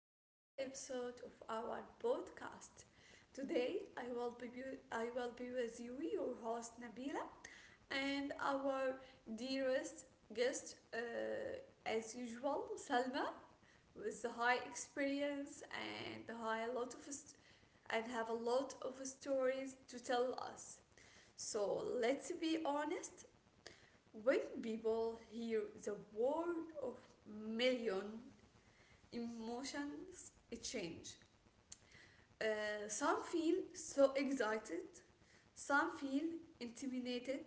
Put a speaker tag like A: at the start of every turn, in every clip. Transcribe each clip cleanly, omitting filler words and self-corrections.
A: to a new episode of our podcast. Today, I will be with you, your host Nabila, and our dearest guest, as usual, Salma, with the high experience and have a lot of stories to tell us. So let's be honest. When people hear the word of million, emotions change. Some feel so excited, some feel intimidated,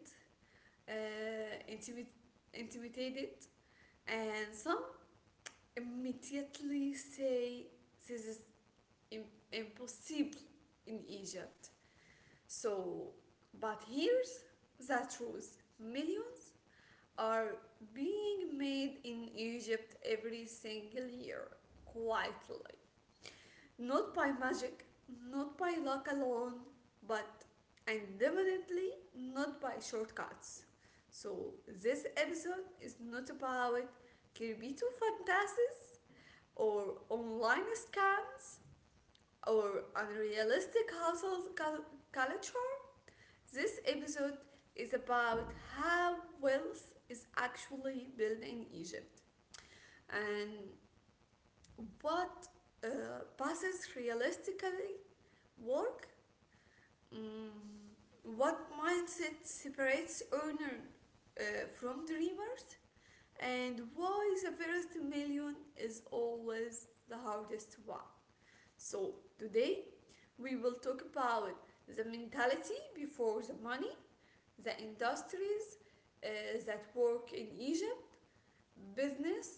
A: uh, intimi- intimidated, and some immediately say this is im- impossible in Egypt. So, but Here's the truth: million are being made in Egypt every single year, quietly. Not by magic, not by luck alone, but and definitely not by shortcuts. So, this episode is not about Kirbito fantasies or online scams or unrealistic household culture. This episode is about how wealth is actually built in Egypt, and what uh, passes realistically work, mm, what mindset separates earner from dreamer, and why the first million is always the hardest one. So today we will talk about the mentality before the money, the industries uh, that work in Egypt, business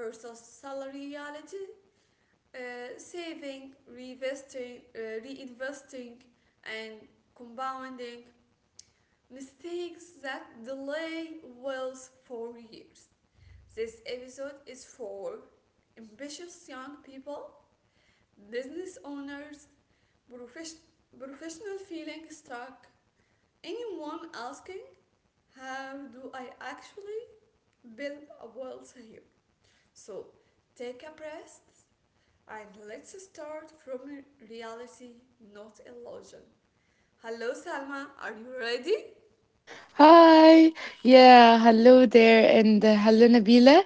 A: versus salary reality, saving, reinvesting, and compounding mistakes that delay wealth for years. This episode is for ambitious young people, business owners, profes- professional feeling stuck, anyone asking, how do I actually build a wealth here? So take a breath, and let's start from reality, not illusion. Hello, Salma. Are you ready?
B: Hi. Yeah, hello there and hello Nabila.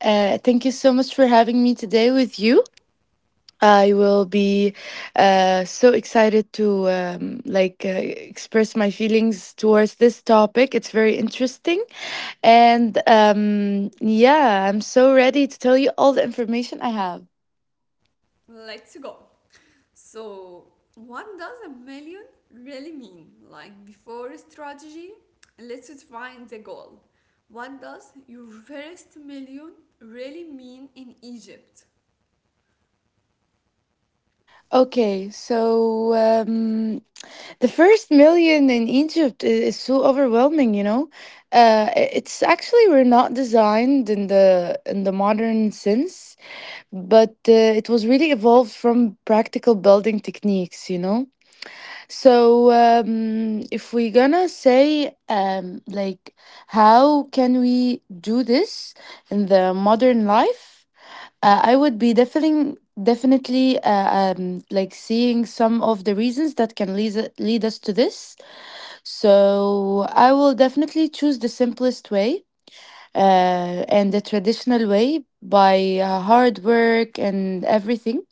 B: Thank you so much for having me today with you. I will be so excited to express my feelings towards this topic. It's very interesting, and yeah, I'm so ready to tell you all the information I have.
A: Let's go. So, what does a million really mean? Like, before strategy, let's define the goal. What does your first million really mean in Egypt?
B: Okay, so the first million in Egypt is so overwhelming, you know. It's actually we're not designed in the modern sense, but it was really evolved from practical building techniques, you know. So, if we're gonna say, how can we do this in the modern life? I would be definitely seeing some of the reasons that can lead us to this. So I will definitely choose the simplest way and the traditional way by hard work and everything,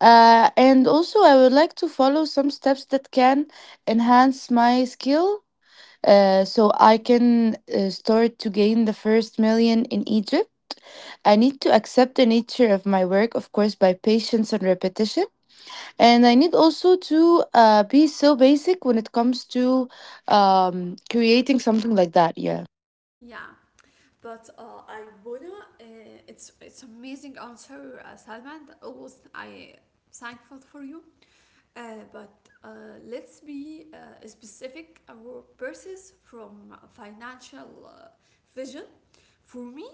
B: and also, I would like to follow some steps that can enhance my skill so I can start to gain the first million in Egypt. I need to accept the nature of my work, of course, by patience and repetition. And I need also to be so basic when it comes to creating something like that. Yeah.
A: Yeah, but I wanna. It's amazing answer, Salma. And always I thankful for you. But uh, let's be specific. Our purses from financial vision. For me,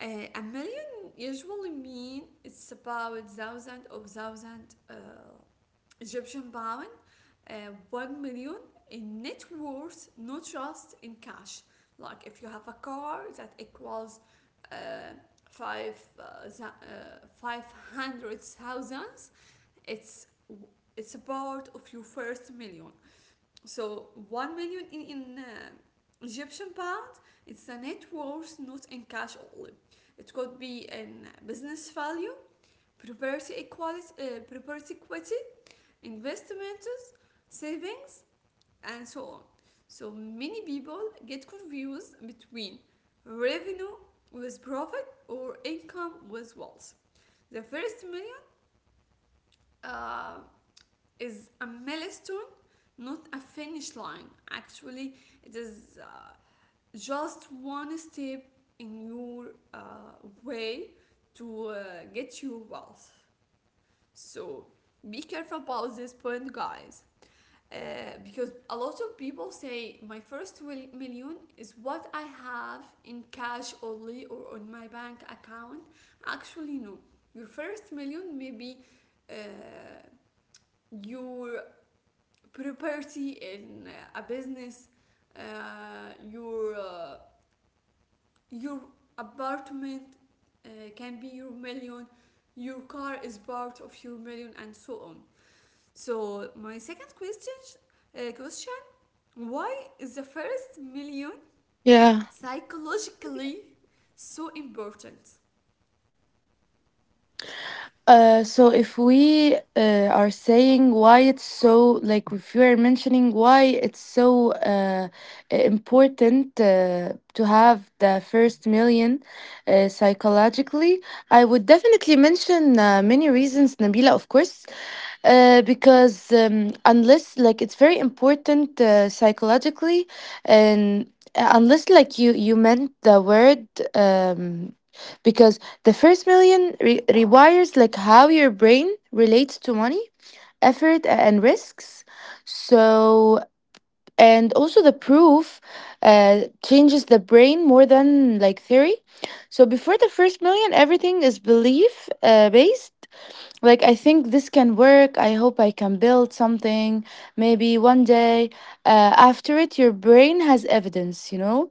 A: a million usually mean it's about thousand of thousand Egyptian pound. Uh, 1 million in net worth, not just in cash. Like, if you have a car that equals uh, 500,000, it's a part of your first million. So 1 million in Egyptian pound, it's the net worth, not in cash only. It could be in business value, property equity, investment, savings, and so on. So many people get confused between revenue with profit, or income with wealth. The first million uh, is a milestone, not a finish line. Actually, it is just one step in your uh, way to get your wealth. So be careful about this point, guys. Uh, because a lot of people say my first million is what I have in cash only or on my bank account. Actually, no. Your first million may be uh, your property in a business, uh, your uh, your apartment uh, can be your million, your car is part of your million, and so on. So my second question: why is the first million
B: Yeah.
A: psychologically so important?
B: So if we are saying why it's so, like, if you are mentioning why it's so important to have the first million psychologically, I would definitely mention many reasons, Nabila, of course, because unless, like, it's very important psychologically, and unless like you meant the word, um, because the first million rewires like how your brain relates to money, effort, and risks. So, and also the proof changes the brain more than like theory. So before the first million, everything is belief based. Like, I think this can work. I hope I can build something. Maybe one day. After it, your brain has evidence. You know,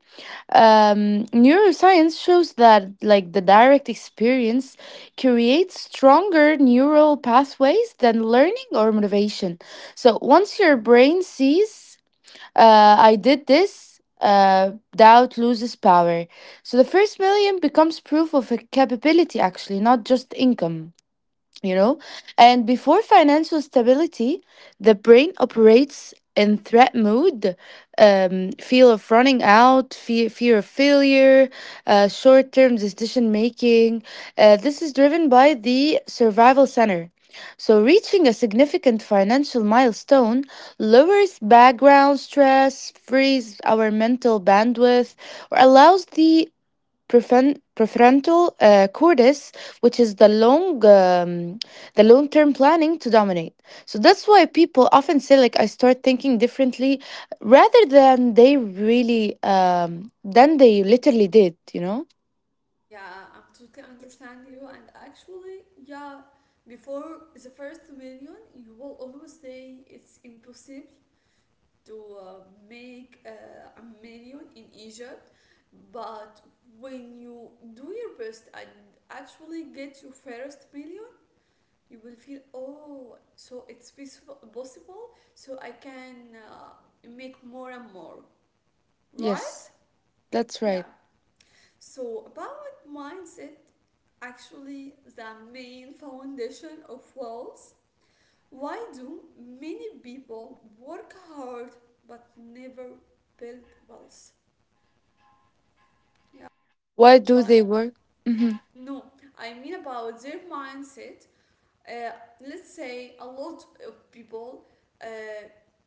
B: neuroscience shows that like the direct experience creates stronger neural pathways than learning or motivation. So once your brain sees I did this, doubt loses power. So the first million becomes proof of a capability, actually, not just income, you know. And before financial stability, the brain operates in threat mode, fear of running out, fear of failure, short-term decision making, this is driven by the survival center. So reaching a significant financial milestone lowers background stress, frees our mental bandwidth, or allows the prefrontal cortex, which is the long term planning, to dominate. So that's why people often say, like, I start thinking differently rather than they really, than they literally did. You know?
A: Yeah, I'm totally understand you. And actually, yeah, before the first million, you will always say it's impossible to make a million in Egypt, but when you do your best and actually get your first million, you will feel, oh, so it's possible, possible, so I can make more and more, right?
B: Yes, that's
A: Yeah.
B: right.
A: So about mindset, actually the main foundation of wealth. Why do many people work hard but never build wealth? Yeah.
B: Why do
A: Like,
B: they work? Hmm.
A: no, I mean about their mindset. Uh, let's say a lot of people uh,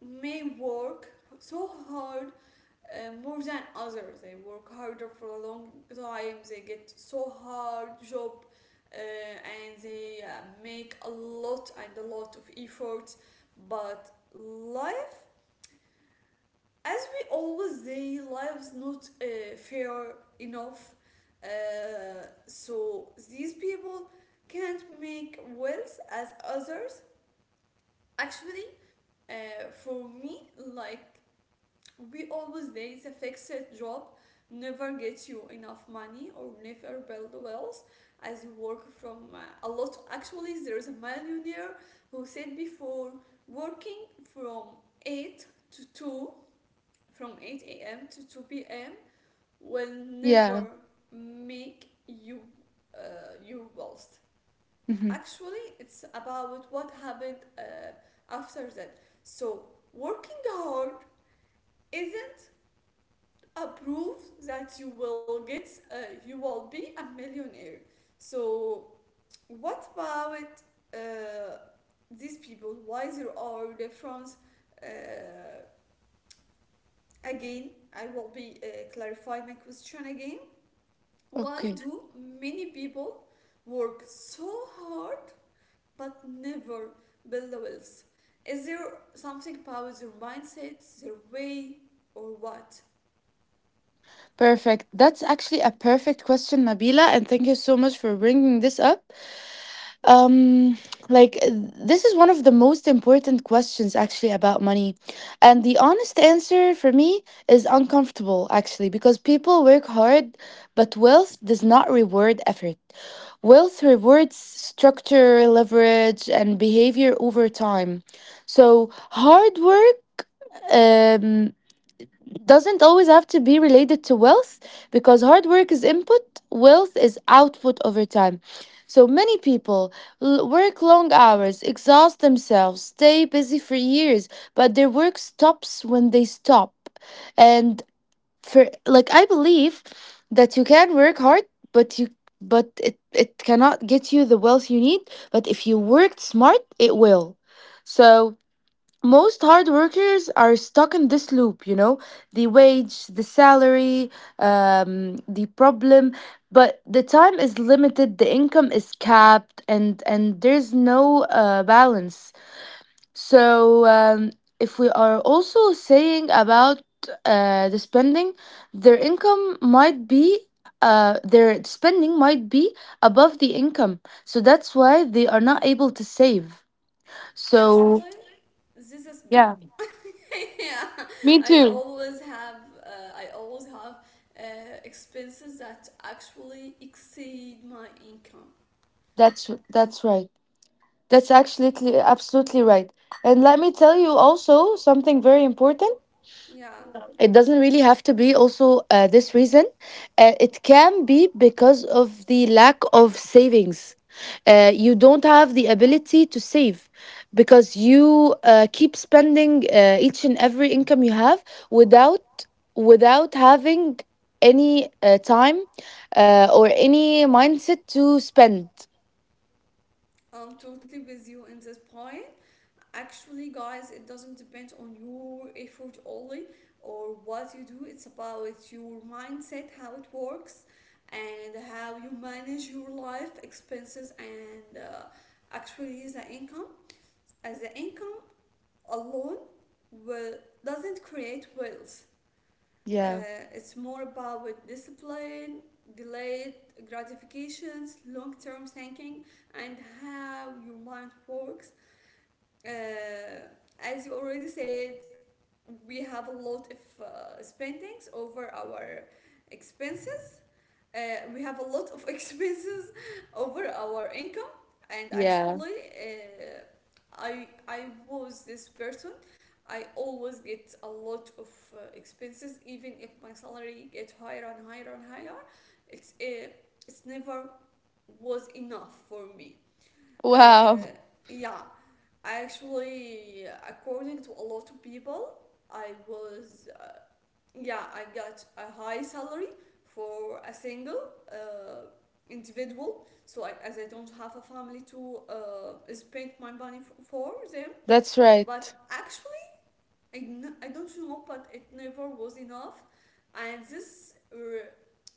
A: may work so hard more than others. They work harder for a long time. They get so hard job, and they make a lot and a lot of effort. But life, as we always say, life's not fair enough. So these people can't make wills as others. Actually, for me, like, we always say, the fixed job never gets you enough money or never build wealth as you work from a lot. Actually, there is a millionaire who said, before working from 8 to 2, from 8 a.m. to 2 p.m., will
B: Yeah.
A: never make you lost.
B: Hmm.
A: Actually, it's about what happened after that. So working hard isn't a proof that you will be a millionaire. So what about uh, these people? Why there are difference? Uh, Again, I will be clarify my question again. Why
B: Okay,
A: do many people work so hard but never build the wealth? Is there something about their mindset, their way, or what?
B: perfect. That's actually a perfect question, Nabila, and thank you so much for bringing this up. Um, like uh, this is one of the most important questions actually about money. And the honest answer for me is uncomfortable, actually, because people work hard, but wealth does not reward effort. Wealth rewards structure, leverage, and behavior over time. So hard work um doesn't always have to be related to wealth because hard work is input, wealth is output over time. So many people work long hours, exhaust themselves, stay busy for years, but their work stops when they stop. And for, like, I believe that you can work hard, but you, but it cannot get you the wealth you need, but if you worked smart, it will. So most hard workers are stuck in this loop, you know, the wage, the salary, the problem, but the time is limited, the income is capped, and there's no balance. So if we are also saying about the spending, their income might be, their spending might be above the income, so that's why they are not able to save. So
A: Actually, this is me. Yeah, I always have, I always have expenses that actually exceed my income.
B: that's right. That's actually absolutely right. And let me tell you also something very important.
A: Yeah,
B: It doesn't really have to be also this reason. It can be because of the lack of savings. You don't have the ability to save because you keep spending each and every income you have without, without having any time or any mindset to spend.
A: I'm totally with you in this point. Actually, guys, it doesn't depend on your effort only or what you do. It's about your mindset, how it works, and how you manage your life expenses, and actually the income. As the income alone will doesn't create wealth.
B: Yeah.
A: It's more about discipline, delayed gratifications, long-term thinking, and how your mind works. Uh, as you already said, we have a lot of spendings over our expenses. uh, we have a lot of expenses over our income. And
B: Yeah.
A: actually, I was this person. I always get a lot of expenses, even if my salary gets higher and higher and higher. It's uh, it's never was enough for me. uh,
B: Wow.
A: yeah. Actually, according to a lot of people, I was, yeah, I got a high salary for a single uh, individual. So I, as I don't have a family to spend my money for them.
B: That's
A: But
B: right.
A: actually, I don't know, but it never was enough, and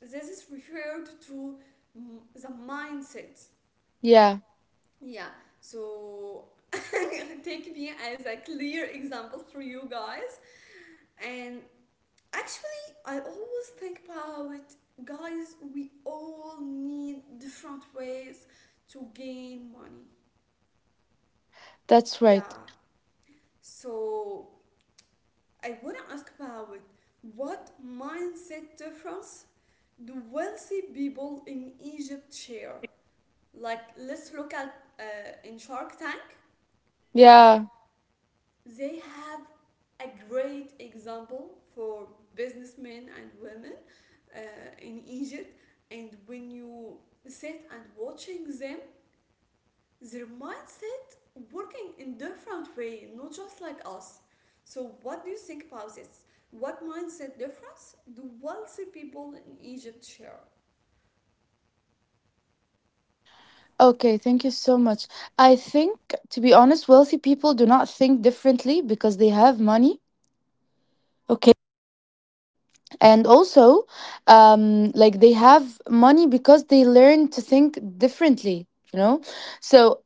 A: this is referred to, the mindset.
B: Yeah,
A: Yeah, so take me as a clear example for you guys. And actually, I always think about it, guys. We all need different ways to gain money.
B: that's right.
A: Yeah. So I want to ask about it. What mindset difference do wealthy people in Egypt share? Like, let's look at, in Shark Tank.
B: Yeah.
A: They have a great example for businessmen and women uh, in Egypt. And when you sit and watching them, their mindset working in different way, not just like us. So what do you think about this? What mindset difference do wealthy people in Egypt share?
B: Okay, thank you so much. I think, to be honest, wealthy people do not think differently because they have money. Okay. And also, like they have money because they learn to think differently, you know? So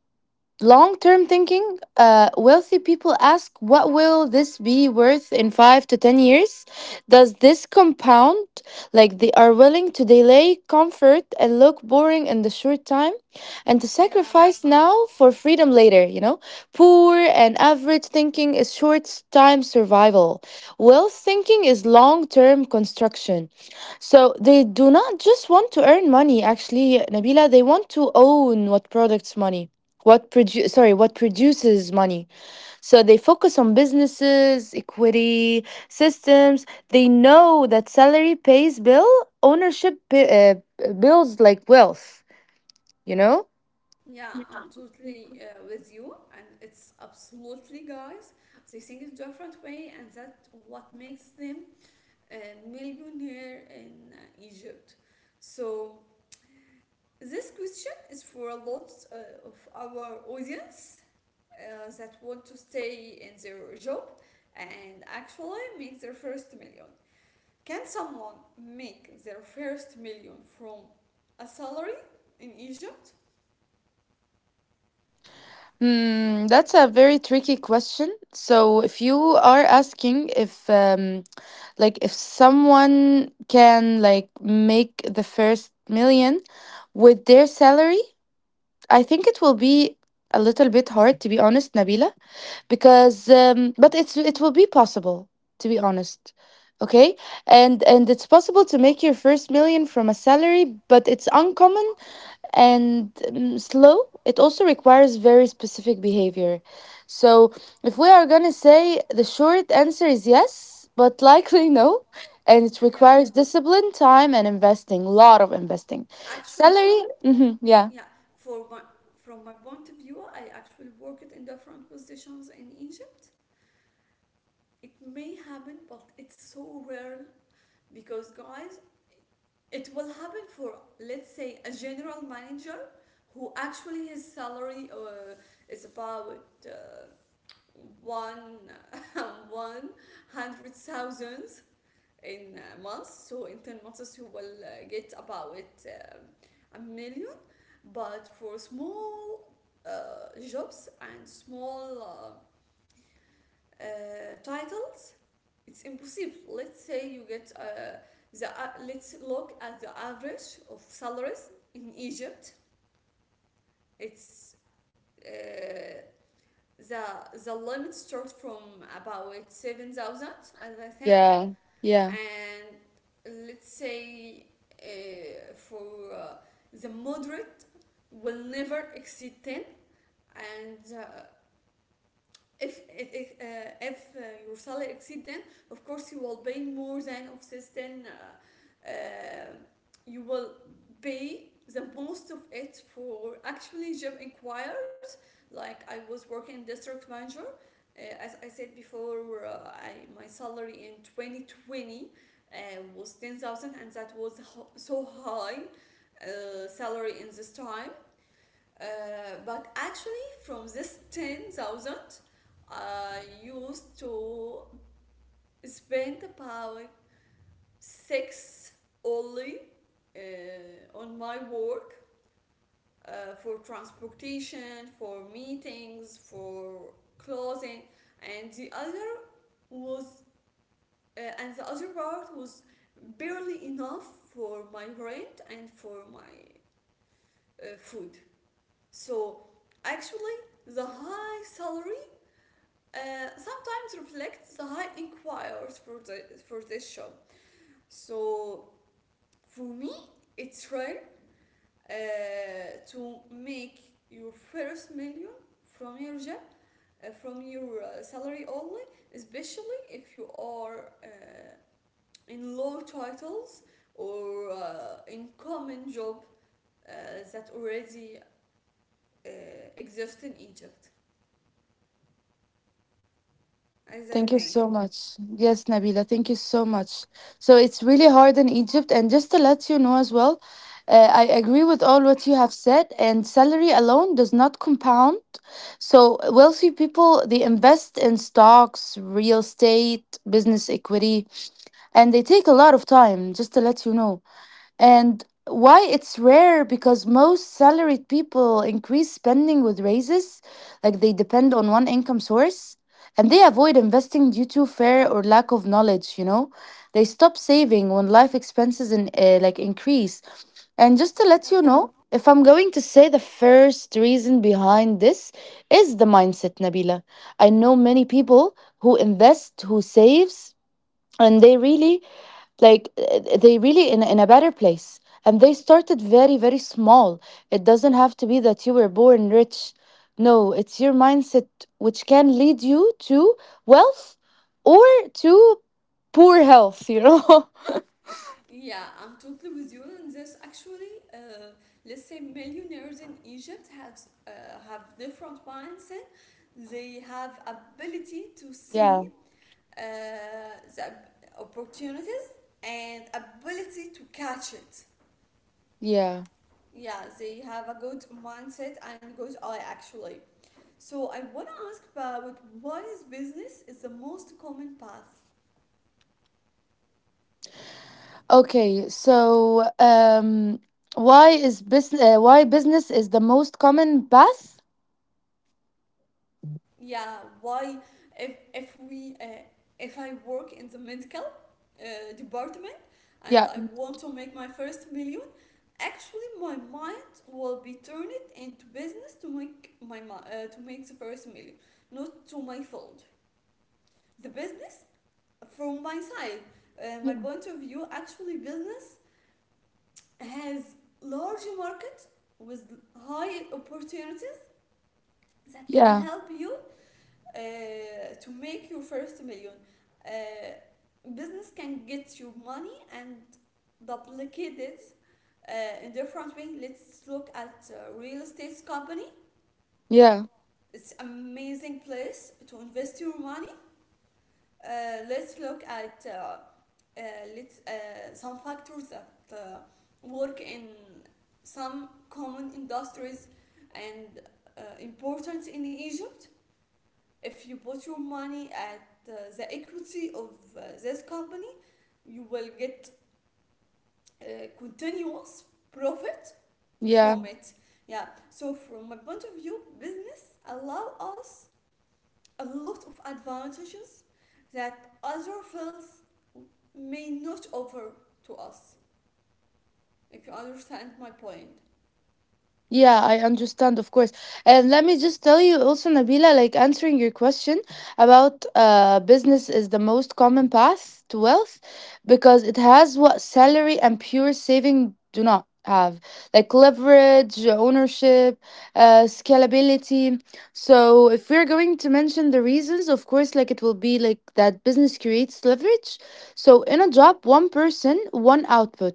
B: long term thinking, wealthy people ask, what will this be worth in five to 10 years? Does this compound? Like, they are willing to delay comfort and look boring in the short time and to
A: Yeah,
B: sacrifice now for freedom later, you know? Poor and average thinking is short time survival. Wealth thinking is long term construction. So they do not just want to earn money, actually, Nabila, they want to own what products money, what produces money. So they focus on businesses, equity, systems. They know that salary pays bill, ownership builds like wealth, you know.
A: yeah, I'm totally with you. And it's absolutely, guys. They think it's different way, and that's what makes them and million here in Egypt. So this question is for a lot of our audience that want to stay in their job and actually make their first million. Can someone make their first million from a salary in Egypt?
B: Hmm, that's a very tricky question. So, if you are asking if, if someone can, like, make the first million with their salary, I think it will be a little bit hard, to be honest, Nabila, because but it's, it will be possible, to be honest. Okay. And it's possible to make your first million from a salary, but it's uncommon and slow. It also requires very specific behavior. So if we are going to say, the short answer is yes, but likely no, and it
A: Yeah,
B: requires discipline, time, and investing, a lot of investing.
A: actually,
B: Salary, yeah.
A: yeah. For my, from my point of view, I actually worked in different positions in Egypt. It may happen, but it's so rare because, guys, it will happen for, let's say, a general manager, who actually his salary is about uh, one 100,000 in months. So in 10 months, you will get about uh, a million. But for small jobs and small uh, uh, titles, it's impossible. Let's say you get the let's look at the average of salaries in Egypt. It's uh, the the limit starts from about 7,000, as I think.
B: Yeah. Yeah.
A: And let's say for the moderate will never exceed 10. And if it, it, if your salary exceed, then of course you will pay more than offsets. Then you will pay the most of it for actually job inquiries. Like, I was working district manager, as I said before. My salary in 2020 uh, was 10,000, and that was so high salary in this time. uh, but actually, from this 10,000, I used to spend about 6 only on my work, for transportation, for meetings, for clothing. And was, and the other part was barely enough for my rent and for my food. So actually, the high salary sometimes reflects the high inquiries for the for this job. So for me, it's rare to make your first million from your job, from your salary only, especially if you are in low titles, or in common job uh, that already uh, exist in Egypt, as I
B: Thank you so
A: think.
B: much. Yes, Nabila, thank you so much. So it's really hard in Egypt. And just to let you know as well, I agree with all what you have said, and salary alone does not compound. So wealthy people, they invest in stocks, real estate, business equity, and they take a lot of time, just to let you know. And why it's rare, because most salaried people increase spending with raises, like, they depend on one income source, and they avoid investing due to fear or lack of knowledge, you know? They stop saving when life expenses in, like, increase. And just to let
A: Yeah,
B: you know, if I'm going to say the first reason behind this is the mindset, Nabila. I know many people who invest, who saves, and they really like they really in a better place, and they started very very small. It doesn't have to be that you were born rich. No, it's your mindset which can lead you to wealth or to poor health, you know.
A: yeah, I'm totally with you. And there's actually, let's say, millionaires in Egypt have different mindset. They have ability to see
B: Yeah.
A: uh, the opportunities and ability to catch it.
B: Yeah.
A: Yeah, they have a good mindset and good eye, actually. So I wanna ask about what is business is the most common path.
B: Okay, so why is business why business is the most common path?
A: Yeah, why? If we, if I work in the medical department, and
B: Yeah.
A: I want to make my first million, actually my mind will be turned into business to to make the first million, not to my field. The business, from my side, my
B: Yeah.
A: point of view, actually, business has large market with high opportunities that can
B: Yeah.
A: help you uh, to make your first million. Business can get you money and duplicate it in different way. Let's look at real estate company.
B: Yeah,
A: It's amazing place to invest your money. Let's look at uh, some factors that uh, work in some common industries and important in Egypt. If you put your money at the equity of this company, you will get continuous profit
B: yeah.
A: from it. Yeah. So from my point of view, business allow us a lot of advantages that other fields may not offer to us, if you understand my point.
B: Yeah, I understand, of course. And let me just tell you also, Nabila, like, answering your question about, business is the most common path to wealth because it has what salary and pure saving do not have, like leverage, ownership, scalability. So if we're going to mention the reasons, of course, like, it will be like that business creates leverage. So in a job, one person, one output.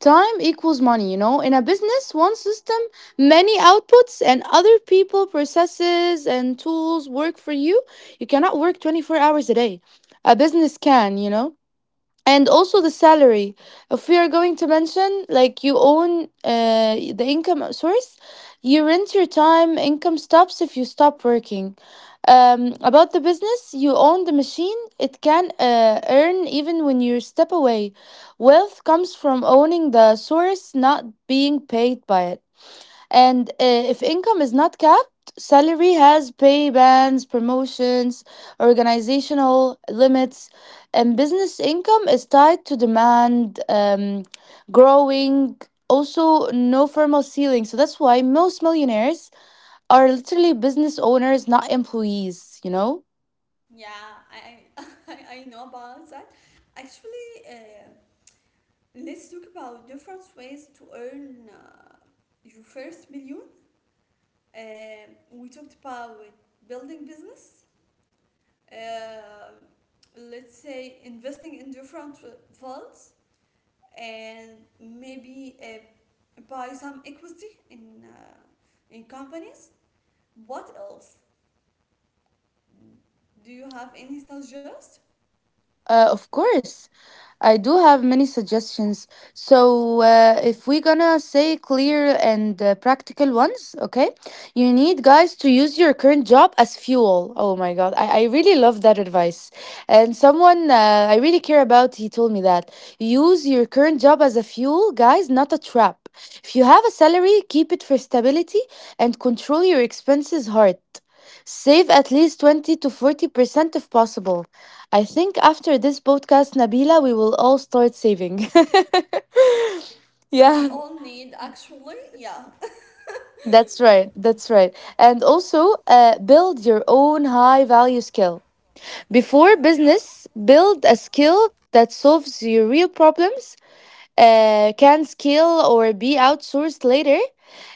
B: Time equals money, you know. In a business, one system, many outputs, and other people, processes, and tools work for you. You cannot work 24 hours a day. A business can, you know? And also the salary. If we are going to mention, like, you own the income source, you rent your time, income stops if you stop working. About the business, you own the machine, it can earn even when you step away. Wealth comes from owning the source, not being paid by it. And if income is not capped, salary has pay bans, promotions, organizational limits, and business income is tied to demand, growing, also no formal ceiling. So that's why most millionaires are literally business owners, not employees, you know?
A: Yeah, I I know about that. Actually, let's talk about different ways to earn your first million. We talked about building business, um let's say investing in different funds, and maybe buy some equity in companies. What else? Do you have any suggestions?
B: Of course, I do have many suggestions. So, if we're gonna say clear and practical ones, okay, you need, guys, to use your current job as fuel. Oh my God, I really love that advice. And someone I really care about, he told me that use your current job as a fuel, guys, not a trap. If you have a salary, keep it for stability and control your expenses hard. Save at least 20 to 40% if possible. I think after this podcast, Nabila, we will all start saving.
A: We
B: Yeah,
A: all need, actually. Yeah,
B: that's right. And also, build your own high value skill. Before
A: yeah.
B: business, build a skill that solves your real problems, can scale or be outsourced later.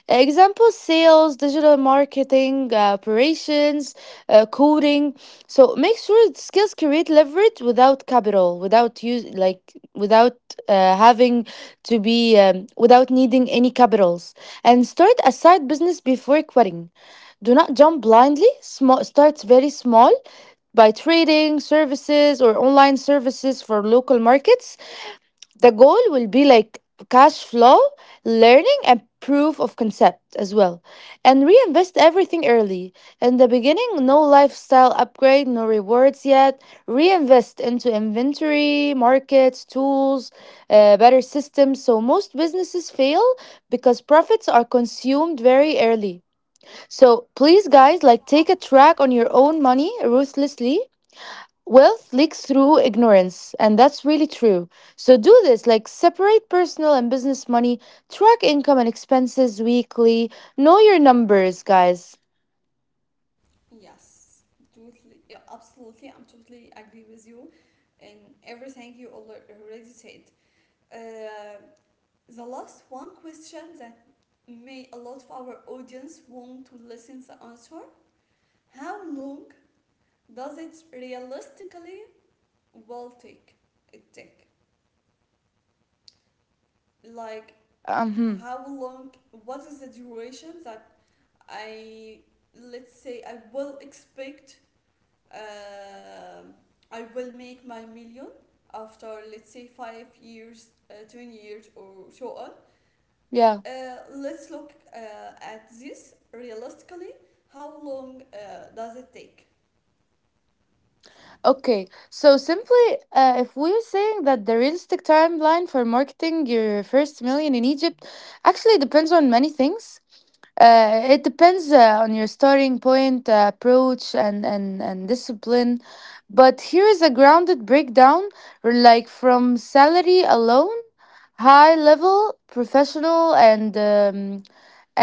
B: Example: sales, digital marketing, operations, coding. So make sure that skills create leverage without capital, without use like without having to be without needing any capitals. And start a side business before quitting. Do not jump blindly. Small, start very small by trading services or online services for local markets. The goal will be like cash flow, learning, and proof of concept as well. And reinvest everything early. In the beginning, no lifestyle upgrade, no rewards yet. Reinvest into inventory, markets, tools, better systems. So most businesses fail because profits are consumed very early. So please, guys, like, take a track on your own money ruthlessly. Wealth leaks through ignorance, and that's really true. So do this, like, separate personal and business money, track income and expenses weekly, know your numbers, guys.
A: Yes, totally, yeah, absolutely. I'm totally agree with you in everything you already said. Uh, the last one question that may a lot of our audience want to listen the answer. How long does it realistically will take? It take, like,
B: Um,
A: how long? What is the duration that I, let's say, I will expect, um, I will make my million after, let's say, 5 years, 10 years, or so on.
B: yeah.
A: Let's look at this realistically. How long does it take?
B: Okay. So simply, if we're saying that the realistic timeline for marketing your first million in Egypt actually depends on many things, it depends on your starting point, approach, and discipline. But here is a grounded breakdown, like, from salary alone, high level, professional,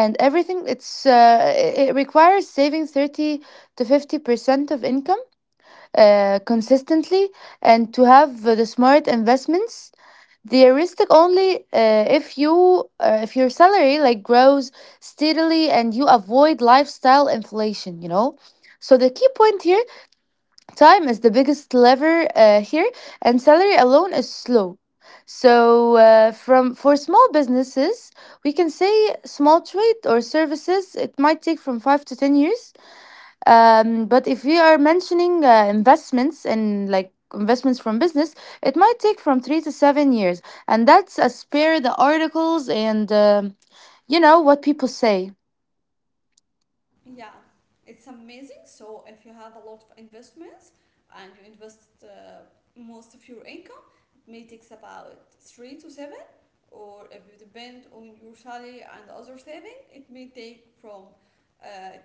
B: and everything. It's uh, it requires saving 30 to 50% of income consistently, and to have the smart investments. They are realistic only if your salary, like, grows steadily and you avoid lifestyle inflation, you know. So the key point here, time is the biggest lever here, and salary alone is slow. So from for small businesses, we can say small trade or services, it might take from 5 to 10 years. But if we are mentioning investments and like investments from business, it might take from 3 to 7 years, and that's a spare the articles and you know what people say.
A: Yeah, it's amazing. So if you have a lot of investments and you invest most of your income, it may take about three to seven. Or if you depend on your salary and other saving, uh,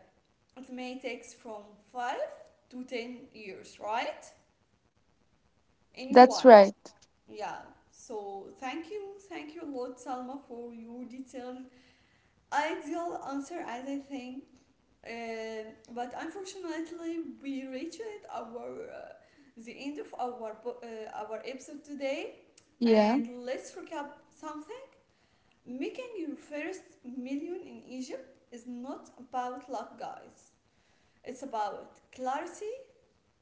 A: it may takes from 5 to 10 years, right? Anyone.
B: That's right.
A: Yeah. So thank you a lot, Salma, for your detailed ideal answer, as I think. But unfortunately, we reached our the end of our episode today.
B: Yeah.
A: And let's recap something. Making your first million in Egypt is not about luck, guys. It's about clarity,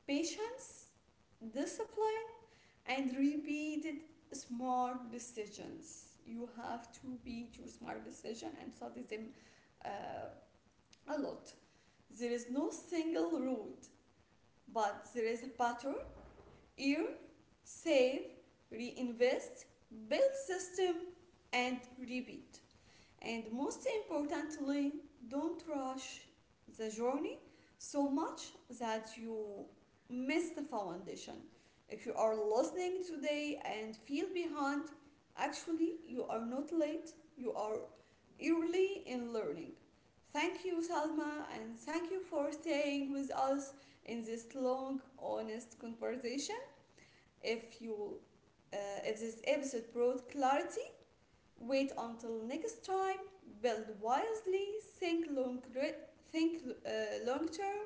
A: patience, discipline, and repeated smart decisions. You have to repeat your smart decision and study them uh, a lot. There is no single route, but there is a pattern. Earn, save, reinvest, build system, and repeat. And most importantly, don't rush the journey so much that you miss the foundation. If you are listening today and feel behind, actually, you are not late, you are early in learning. Thank you, Salma, and thank you for staying with us in this long, honest conversation. If you uh, if this episode brought clarity, wait until next time. Build wisely, think long, think long term,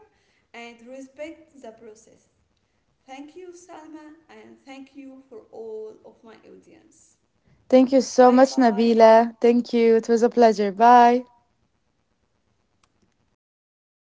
A: and respect the process. Thank you, Salma, and thank you for all of my audience.
B: Thank you so
A: Bye
B: much,
A: bye.
B: Nabila. Thank you. It was a pleasure. Bye.